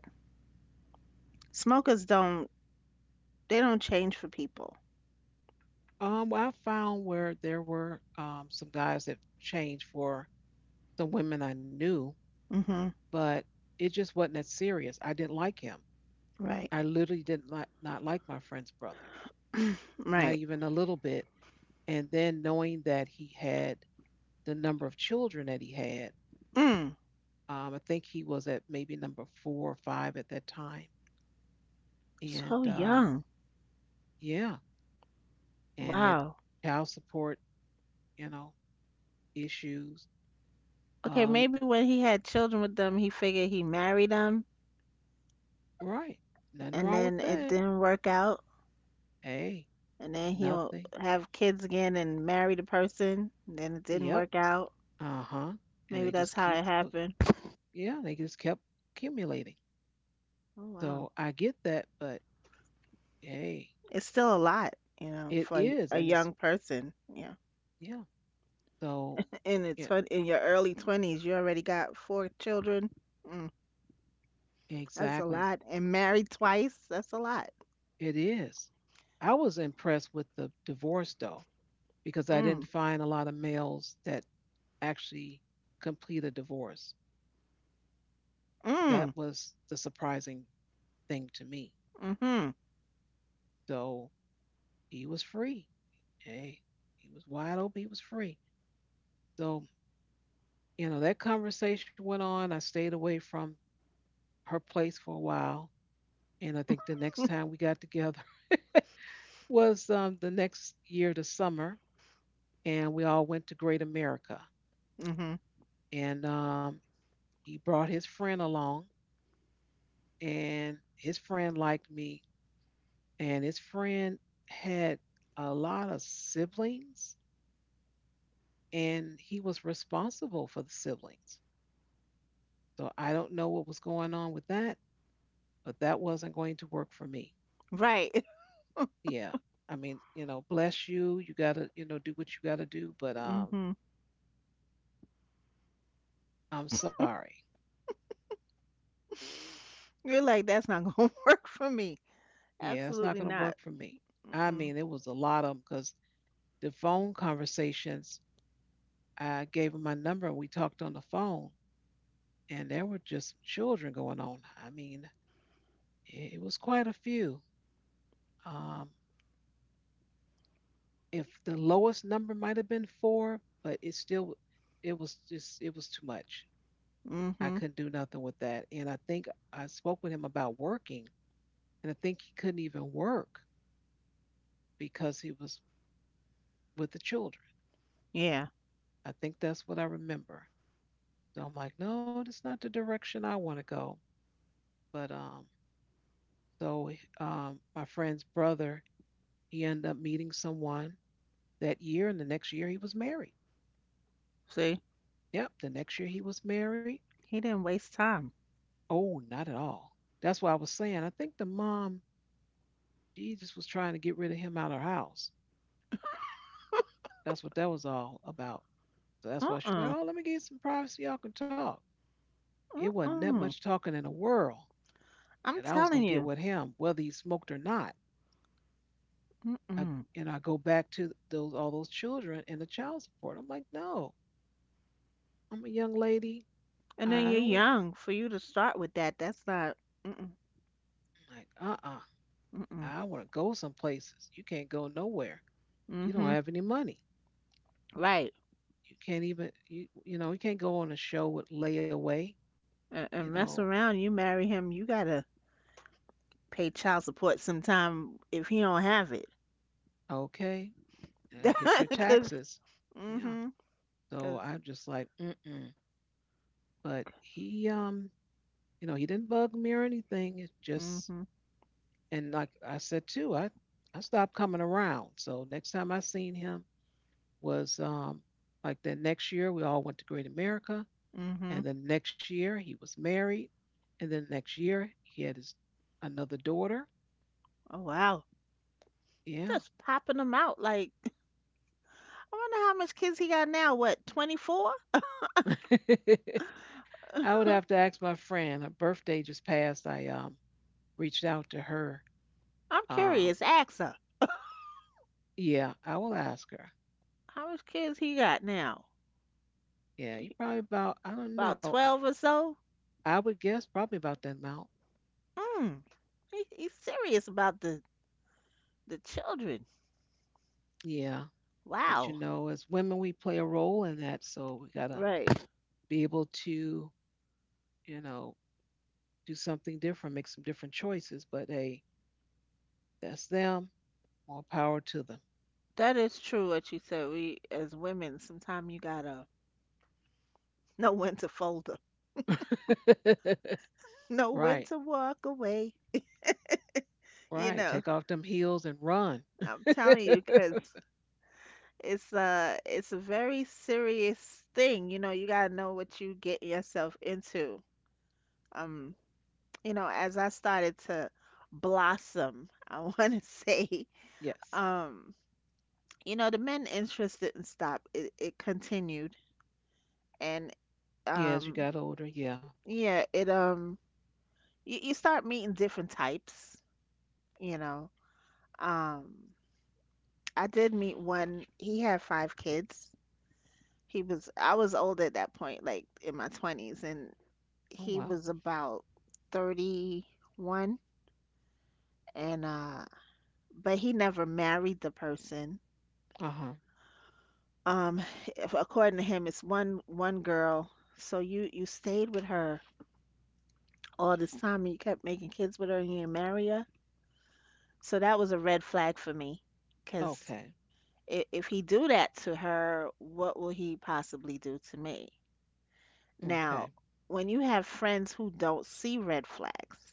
smokers don't, they don't change for people.
well, I found where there were some guys that changed for some women I knew,
Mhm.
but it just wasn't that serious. I didn't like him.
Right.
I literally did not, not like my friend's brother, not
Right.
even a little bit. And then knowing that he had the number of children that he had,
Mm.
I think he was at maybe number four or five at that time. And
So young.
yeah, and he had
Wow.
child support, you know, issues.
Okay,
Uh,
maybe when he had children with them, he figured he married them
right. Nothing
and
wrong with
then it
that.
didn't work out
Hey,
and then he'll
nothing.
have kids again and marry the person. And then it didn't
Yep.
work out.
Uh huh. And
Maybe
they
that's
just
how
keep,
it happened.
yeah, they just kept accumulating.
Oh wow,
So I get that, but hey,
it's still a lot, you know,
it
for
is,
a
and it's
young person. Yeah,
yeah. So it
in your early 20s, you already got four children. Mm, that's a
exactly s-
lot, and married twice. That's a lot.
it is. I was impressed with the divorce though, because I didn't
Mm,
find a lot of males that actually complete a divorce. That
mm,
was the surprising thing to me.
mhm,
So he was free. Hey, he was wide open. He was free. So you know that conversation went on. I stayed away from her place for a while, and I think the next time we got together was the next year, the summer, and we all went to Great America.
mhm.
And he brought his friend along, and his friend liked me, and his friend had a lot of siblings, and he was responsible for the siblings. So I don't know what was going on with that, but that wasn't going to work for me.
Right.
Yeah. I mean, you know, bless you. You got to, you know, do what you got to do, but
Mhm.
I'm sorry.
You're like, that's not gonna work for me.
Yeah, it's not
Absolutely
going to
not.
work for me. I
Mm-mm.
mean, it was a lot of them because the phone conversations, I gave him my number and we talked on the phone, and there were just children going on. I mean, it was quite a few. Um, if the lowest number might have been four, but it still, it was just, it was too much. I
Mhm.
couldn't do nothing with that. And I think I spoke with him about working, and I think he couldn't even work because he was with the children.
Yeah.
I think that's what I remember. So I'm like, no, that's not the direction I want to go. But So My friend's brother, he ended up meeting someone that year, and the next year he was married.
See.
Yep, the next year he was married.
He didn't waste time.
Oh, not at all. That's what I was saying. I think the mom, she just was trying to get rid of him out of her house. That's what that was all about. So that's why she's like,
Uh-uh.
oh, let me get some privacy. Y'all can talk. It wasn't that much
Uh-uh.
talking in the world
I'm
that I was gonna
telling
get
you.
with him, whether he smoked or not. I,
Mm-mm.
and I go back to those all those children and the child support. I'm like, no, I'm a young lady.
And
I
then you're
don't
young for you to start with that. That's not. Mm-mm.
like uh-uh.
Mm-mm.
I want to go some places. You can't go nowhere. You don't
Mm-hmm.
have any money.
Right.
You know, you can't go on a show with layaway, you
And
know,
mess around. You marry him. You gotta pay child support sometime if he don't have it.
okay, and hit your
Cause.
taxes. Yeah.
Mm-hmm.
So
Cause.
I'm just like, mm-mm. But he You know, he didn't bug me or anything. It's just
Mm-hmm.
and like I said too, I stopped coming around. So next time I seen him was like that next year we all went to Great America.
Mm-hmm.
And then next year he was married. And then next year he had his another daughter.
Oh wow.
Yeah.
Just popping them out like. I wonder how much kids he got now. What? 24?
I would have
I'm
to ask my friend. Her birthday just passed. I Reached out to her. Um
curious. Ask her.
yeah, I will ask her.
How much kids he got now?
Yeah, he probably about I don't
About
know.
12 or so?
I would guess probably about that amount.
Mm. He's serious about the children.
Yeah. But you
Wow.
know, as women we play a role in that, so we gotta
Right.
be able to, you know, do something different, make some different choices. But hey, that's them. More power to them.
That is true what you said. We, as women, sometimes you gotta know when to fold up, know when
Right,
to walk away. You
right.
know,
Take off them heels and run.
I'm telling you, 'cause it's a very serious thing. You know, you gotta know what you get yourself into. Um, you know, as I started to blossom, I want to say.
Yes.
Um, you know, the men interest didn't stop. It continued and
Yeah, as you
um
got older. Yeah.
yeah, it you, you start meeting different types, you know. Um I did meet one, he had five kids. He was I was old at that point, like in my 20s, and
Oh,
he
wow.
was about 31, and but he never married the person.
Uh huh.
Um, if, according to him, it's one girl. So you stayed with her all this time and you kept making kids with her and you didn't marry her. So that was a red flag for me, because
Okay.
if he do that to her, what will he possibly do to me? Now,
Okay.
when you have friends who don't see red flags,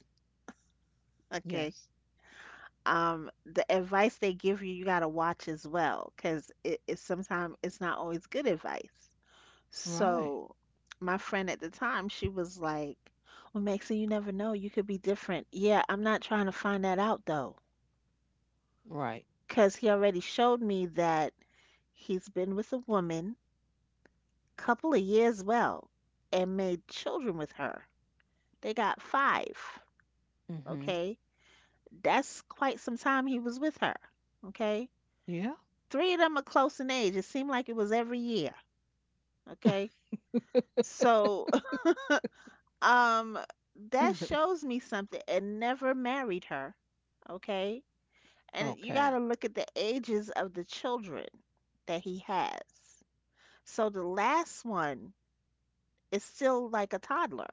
okay,
Yes.
the advice they give you, you gotta watch as well, because it, it's sometimes it's not always good advice.
Right.
So my friend at the time, she was like, well, Maxie, you never know. You could be different. Yeah, I'm not trying to find that out though.
Right.
Because he already showed me that he's been with a woman couple of years, well, and made children with her. They got five.
Mm hmm.
Okay, that's quite some time he was with her. Okay,
Yeah.
three of them are close in age, it seemed like it was every year. Okay, so um that shows me something. And never married her. Okay, and you
Okay.
got to look at the ages of the children that he has. So the last one is still like a toddler,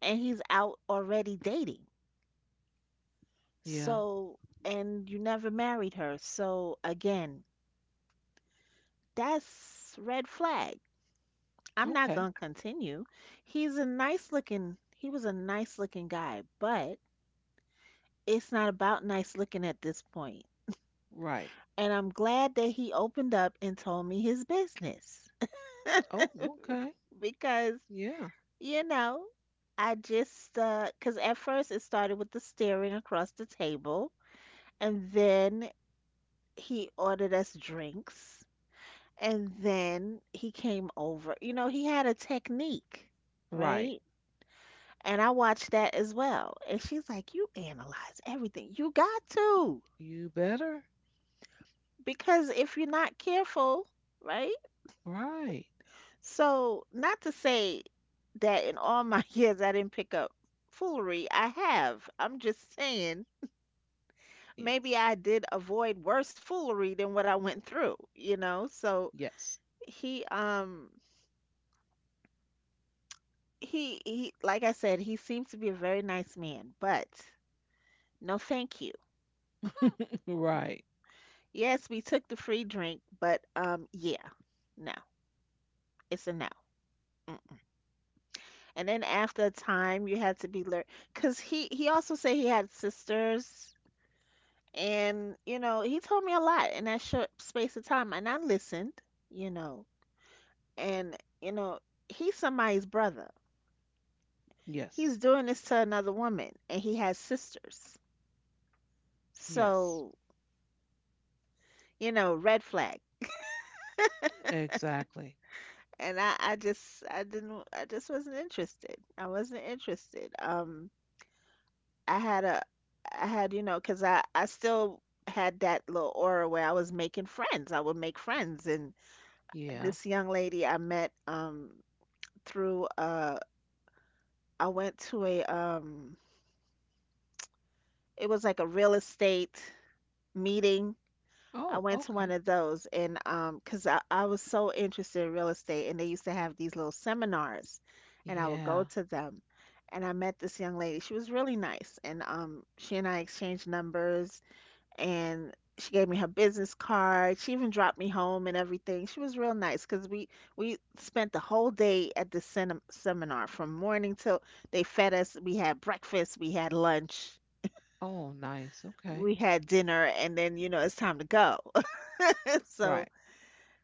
and he's out already dating.
Yeah.
So, and you never married her. So, again, that's red flag. I'm not
Okay.
going to continue. He was a nice looking guy, but it's not about nice looking at this point.
Right.
And I'm glad that he opened up and told me his business
Oh, okay.
because,
Yeah.
you know, because at first it started with the staring across the table. And then he ordered us drinks and then he came over. You know, he had a technique,
Right.
right? And I watched that as well. And she's like, you analyze everything. You got to.
You better.
Because if you're not careful, right?
Right.
So, not to say that in all my years I didn't pick up foolery, I have. I'm just saying, maybe
Yes.
I did avoid worse foolery than what I went through, you know? So,
Yes.
he, um, he like I said, he seems to be a very nice man, but no thank you.
Right.
Yes, we took the free drink, but yeah. No. It's a no. Mm. And then after a time you had to be learned, cuz he also said he had sisters, and you know, he told me a lot in that short space of time, and I listened, you know. And you know, he's somebody's brother.
Yes.
He's doing this to another woman, and he has sisters.
Yes.
So, you know, red flag.
Exactly.
And I just wasn't interested. I wasn't interested. I had a I had, you know, because I still had that little aura where I was making friends. I would make friends, and
Yeah.
this young lady I met through I went to a it was like a real estate meeting. I
Oh,
went to one
okay.
of those, and cause I was so interested in real estate, and they used to have these little seminars, and I would
Yeah.
go to them, and I met this young lady. She was really nice, and she and I exchanged numbers, and she gave me her business card. She even dropped me home and everything. She was real nice, cause we spent the whole day at the seminar from morning till they fed us. We had breakfast, we had lunch,
Oh, nice. Okay.
we had dinner, and then you know it's time to go. So
Right.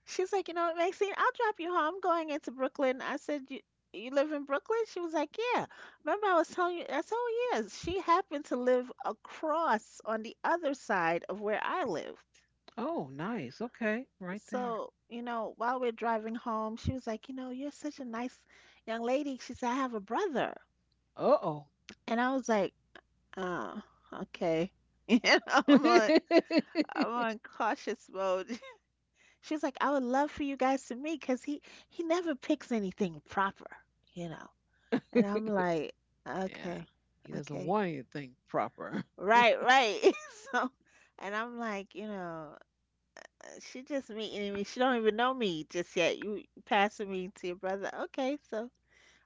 she's like, you know what, Maxine, I'll drop you home. I'm going into Brooklyn. I said, you live in Brooklyn? She was like, yeah. Remember, I was telling you. I said, oh yeah. She happened to live across on the other side of where I lived.
Oh, nice. Okay. Right there.
So, you know, while we're driving home, she was like, you know, you're such a nice young lady. She said, I have a brother,
Uh-oh.
and I was like, oh, okay. You know, I'm on cautious mode. She's like, I would love for you guys to meet because he never picks anything proper, you know. And I'm like,
Yeah.
okay,
He doesn't
okay,
want anything proper.
right, right. So, and I'm like, you know, she just meeting me. She don't even know me just yet. You passing me to your brother. Okay, so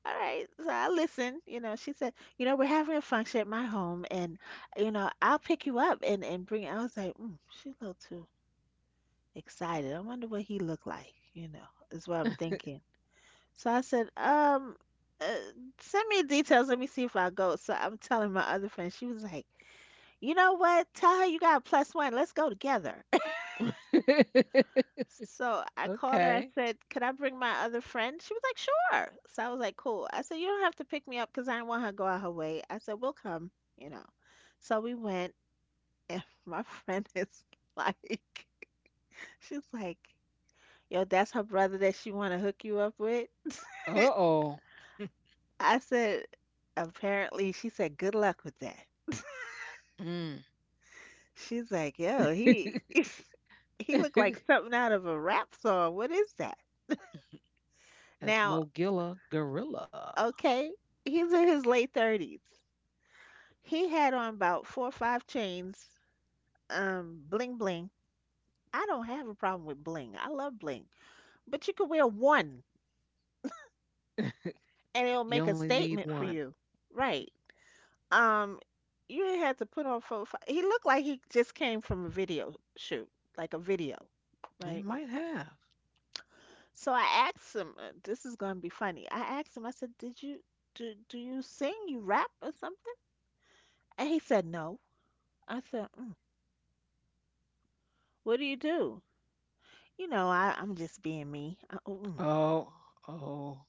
all right. So I listen. You know, she said, you know, we're having a function at my home, and you know, I'll pick you up and bring. I was like, she a little too excited. I wonder what he looked like. You know, is what I'm thinking. So I said, uh, send me the details. Let me see if I go. So I'm telling my other friend. She was like, you know what? Tell her you got a plus one. Let's go together. So I called her. I
Okay.
said, could I bring my other friend? She was like, sure. So I was like, cool. I said, you don't have to pick me up because I didn't want her to go out her way. I said, we'll come, you know. So we went, and my friend is like, she's like, yo, that's her brother that she want to hook you up with.
Uh-oh.
I said, apparently, she said, good luck with that.
Mm.
She's like, yo, he, he looked like something out of a rap song. What is that?
That's
Now,
Mogilla Gorilla.
okay, he's in his late 30s. He had on about four or five chains, bling bling. I don't have a problem with bling. I love bling. But you could wear one and it'll
You
make a
only need
statement for
one.
you. Right. Um, you ain't had to put on four, or five. He looked like he just came from a video shoot, like a video,
He
right?
might have.
So I asked him, this is going to be funny. I asked him, I said, did you, do you sing, you rap or something? And he said, no. I said, what do? You know, I'm just being me. Oh.
Oh, oh,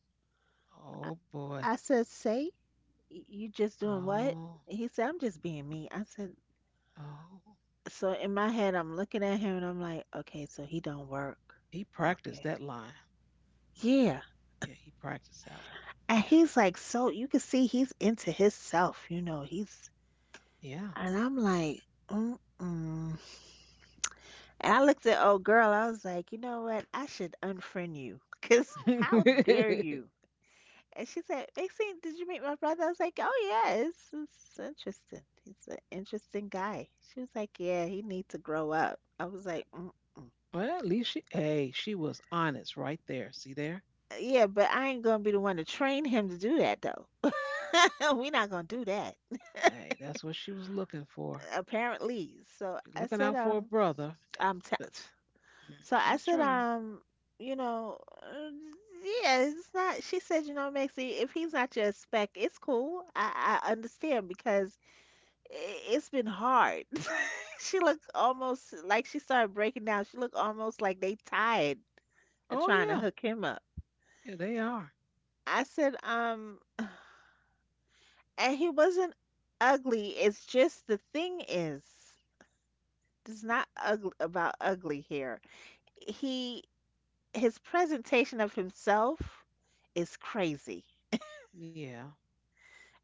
oh boy.
I said, say, you just doing what?
Oh,
He said, I'm just being me. I said,
oh.
so in my head, I'm looking at him and I'm like, okay, so he don't work.
He practiced
Okay.
that line.
Yeah.
Yeah, he practiced that one.
And
Yeah.
he's like, so you can see he's into himself, you know,
Yeah.
and I'm like, mm-mm. And I looked at old girl. I was like, you know what? I should unfriend you. Because how dare you? And she said, Maxine, did you meet my brother? I was like, oh, yeah, it's interesting. He's an interesting guy. She was like, yeah, he needs to grow up. I was like, mm-mm.
Well, at least she hey, she was honest right there. See there?
Yeah, but I ain't going to be the one to train him to do that, though. We're not going to do that,
Hey, that's what she was looking for.
apparently. So
She's
I
looking
said,
out for a brother. It-
I'm t-
but mm,
So
she
I
was
said,
trying.
you know, uh, yeah, it's not. She said, Maxie, if he's not your spec, it's cool. I understand because it's been hard. She looked almost like she started breaking down. She looked almost like they tired of
Oh
trying to
yeah.
hook him up.
Yeah, they are.
I said, and he wasn't ugly. It's just the thing is, it's not ugly about ugly here. He his presentation of himself is crazy.
Yeah.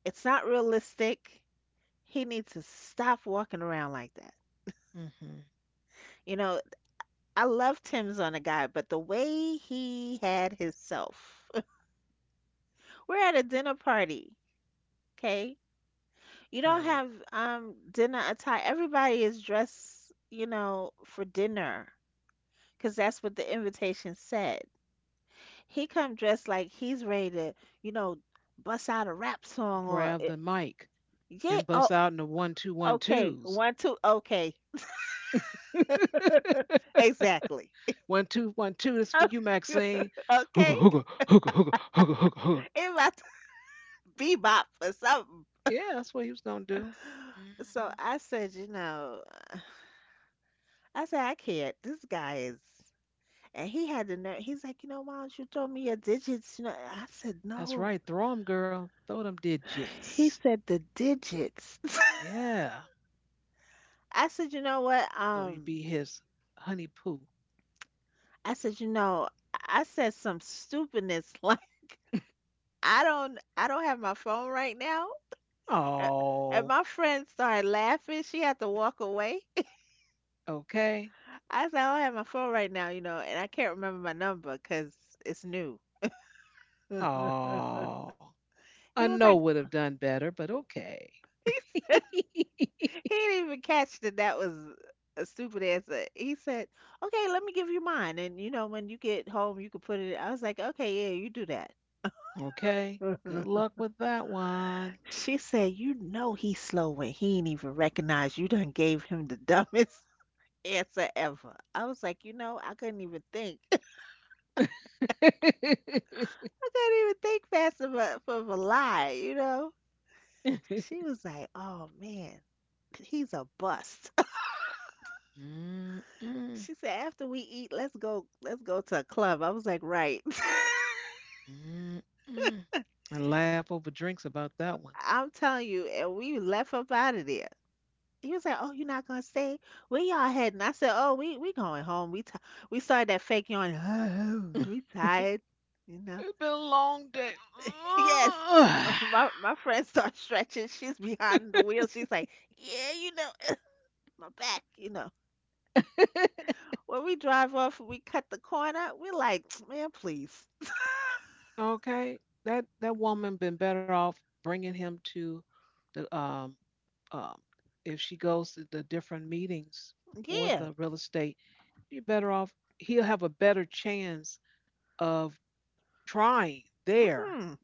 It's not realistic. He needs to stop walking around like that.
Mm-hmm.
You know, I love Tim's on a guy, but the way he had himself. We're at a dinner party, okay? You don't
Hey.
have dinner attire. Everybody is dressed, you know, for dinner because that's what the invitation said. He come dressed like he's ready to, you know, bust out a rap song or
Grab the mic
yeah,
and
oh,
bust out into one two one
okay,
twos.
one, two. Okay, exactly.
One two one two, this is for you, Maxine. Hookah
Okay,
hookah hookah hookah hookah hookah hookah.
it about to bebop or something.
Yeah, that's what he was gonna do. Hmm.
So I said, you know, I said I can't. This guy is, and he had the nerve. He's like, you know, why don't you throw me your digits? You know, I said
That's
no.
right. Throw 'em, girl. Throw them
He
digits.
said the digits.
Yeah.
I said, you know what?
So you be his honey poo.
I said, you know, I said some stupidness like I don't have my phone right now. A- And
Oh,
my friend started laughing. She had to walk away.
okay.
I said, I don't have my phone right now, you know, and I can't remember my number because it's new.
Oh, I
He was
know
like,
would have done better, but okay.
he said, he didn't even catch that that was a stupid answer. He said, okay, let me give you mine. And, you know, when you get home, you can put it. I was like, okay, yeah, you do that.
Okay. Good luck with that one.
She said, you know, he's slow when he ain't even recognize you done gave him the dumbest answer ever. I was like, you know, I couldn't even think. I couldn't even think fast enough of a lie, you know? She was like, "Oh man, he's a bust."
Mm, mm,
She said, "After we eat, let's go to a club." I was like, "Right."
mm, mm. I laugh over drinks about that one.
I'm telling you, and we left up out of there. He was like, "Oh, you're not gonna stay? Where y'all heading?" I said, "Oh, we going home. We started that fake yawn. we tired, you know."
It's been a long day.
Yes.
Ugh.
My friend starts stretching. She's behind the wheel. She's like, "Yeah, my back." When we drive off and we cut the corner, we're like, man, please.
Okay, that that woman been better off bringing him to the um if she goes to the different meetings for
Yeah.
the real estate, she better off he'll have a better chance of trying there
Hmm.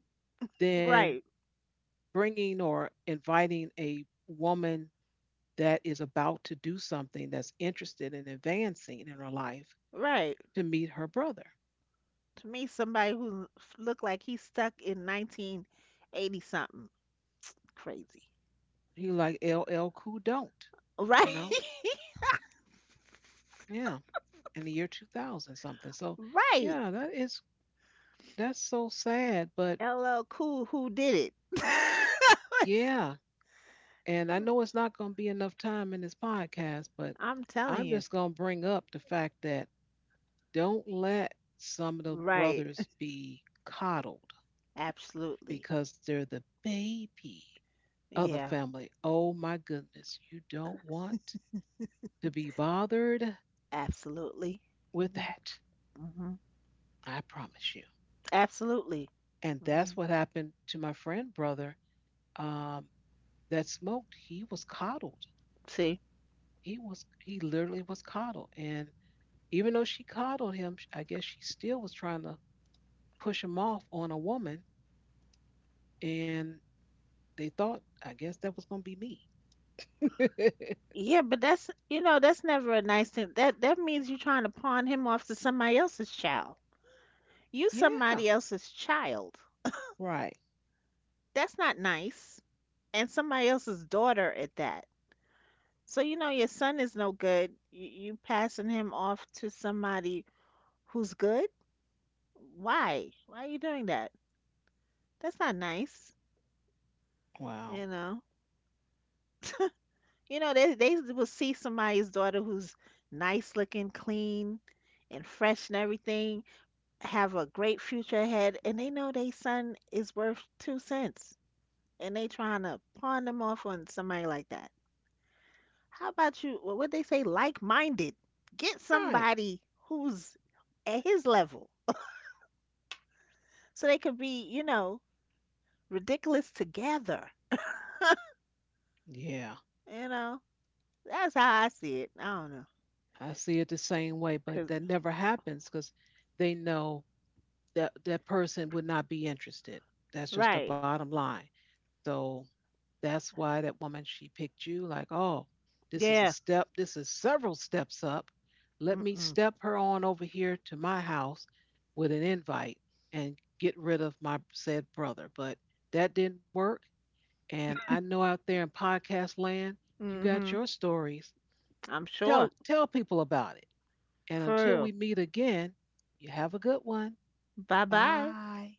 than
Right.
bringing or inviting a woman that is about to do something that's interested in advancing in her life
Right.
to meet her brother.
To me, somebody who looked like he's stuck in 1980 something. Crazy.
He like L L Cool don't, you
Right.
know? Yeah. In the year 2000 something. So,
Right.
yeah, that is that's so sad, but
LL Cool who did it.
yeah. And I know it's not going to be enough time in this podcast, but
I'm telling
I'm
you.
just going to bring up the fact that don't let some of the
Right.
brothers be coddled
Absolutely.
because they're the baby of the
Yeah.
family. Oh my goodness, you don't want to be bothered
Absolutely.
with
hmm
that.
hmm
I promise you.
Absolutely.
And
Hmm.
that's what happened to my friend brother. Um, that smoked, he was coddled.
See?
He literally was coddled, and even though she coddled him, I guess she still was trying to push him off on a woman, and they thought I guess that was gonna be me.
Yeah, but that's you know that's never a nice thing. That means you're trying to pawn him off to somebody else's child. You
Yeah,
somebody else's child.
right.
That's not nice, and somebody else's daughter at that. So you know your son is no good. You passing him off to somebody who's good. Why? Why are you doing that? That's not nice.
Wow.
You know. You know they will see somebody's daughter who's nice looking, clean, and fresh and everything. Have a great future ahead and they know their son is worth two cents and they trying to pawn them off on somebody like that. How about you? What would they say? Like minded. Get
Right.
somebody who's at his level so they could be, you know, ridiculous together.
Yeah,
You know, that's how I see it. I don't know.
I see it the same way, but
Cause,
that never happens because they know that that person would not be interested. That's just the
right.
bottom line. So that's why that woman, she picked you like, oh, this is a
Yeah.
step, this is several steps up. Let me
Mm-mm.
step her on over here to my house with an invite and get rid of my said brother. But that didn't work. And I know out there in podcast land, you got
Mm-hmm.
your stories.
I'm sure.
Tell people about it. And
For
until
real.
we meet again, you have a good one.
Bye bye.
Bye.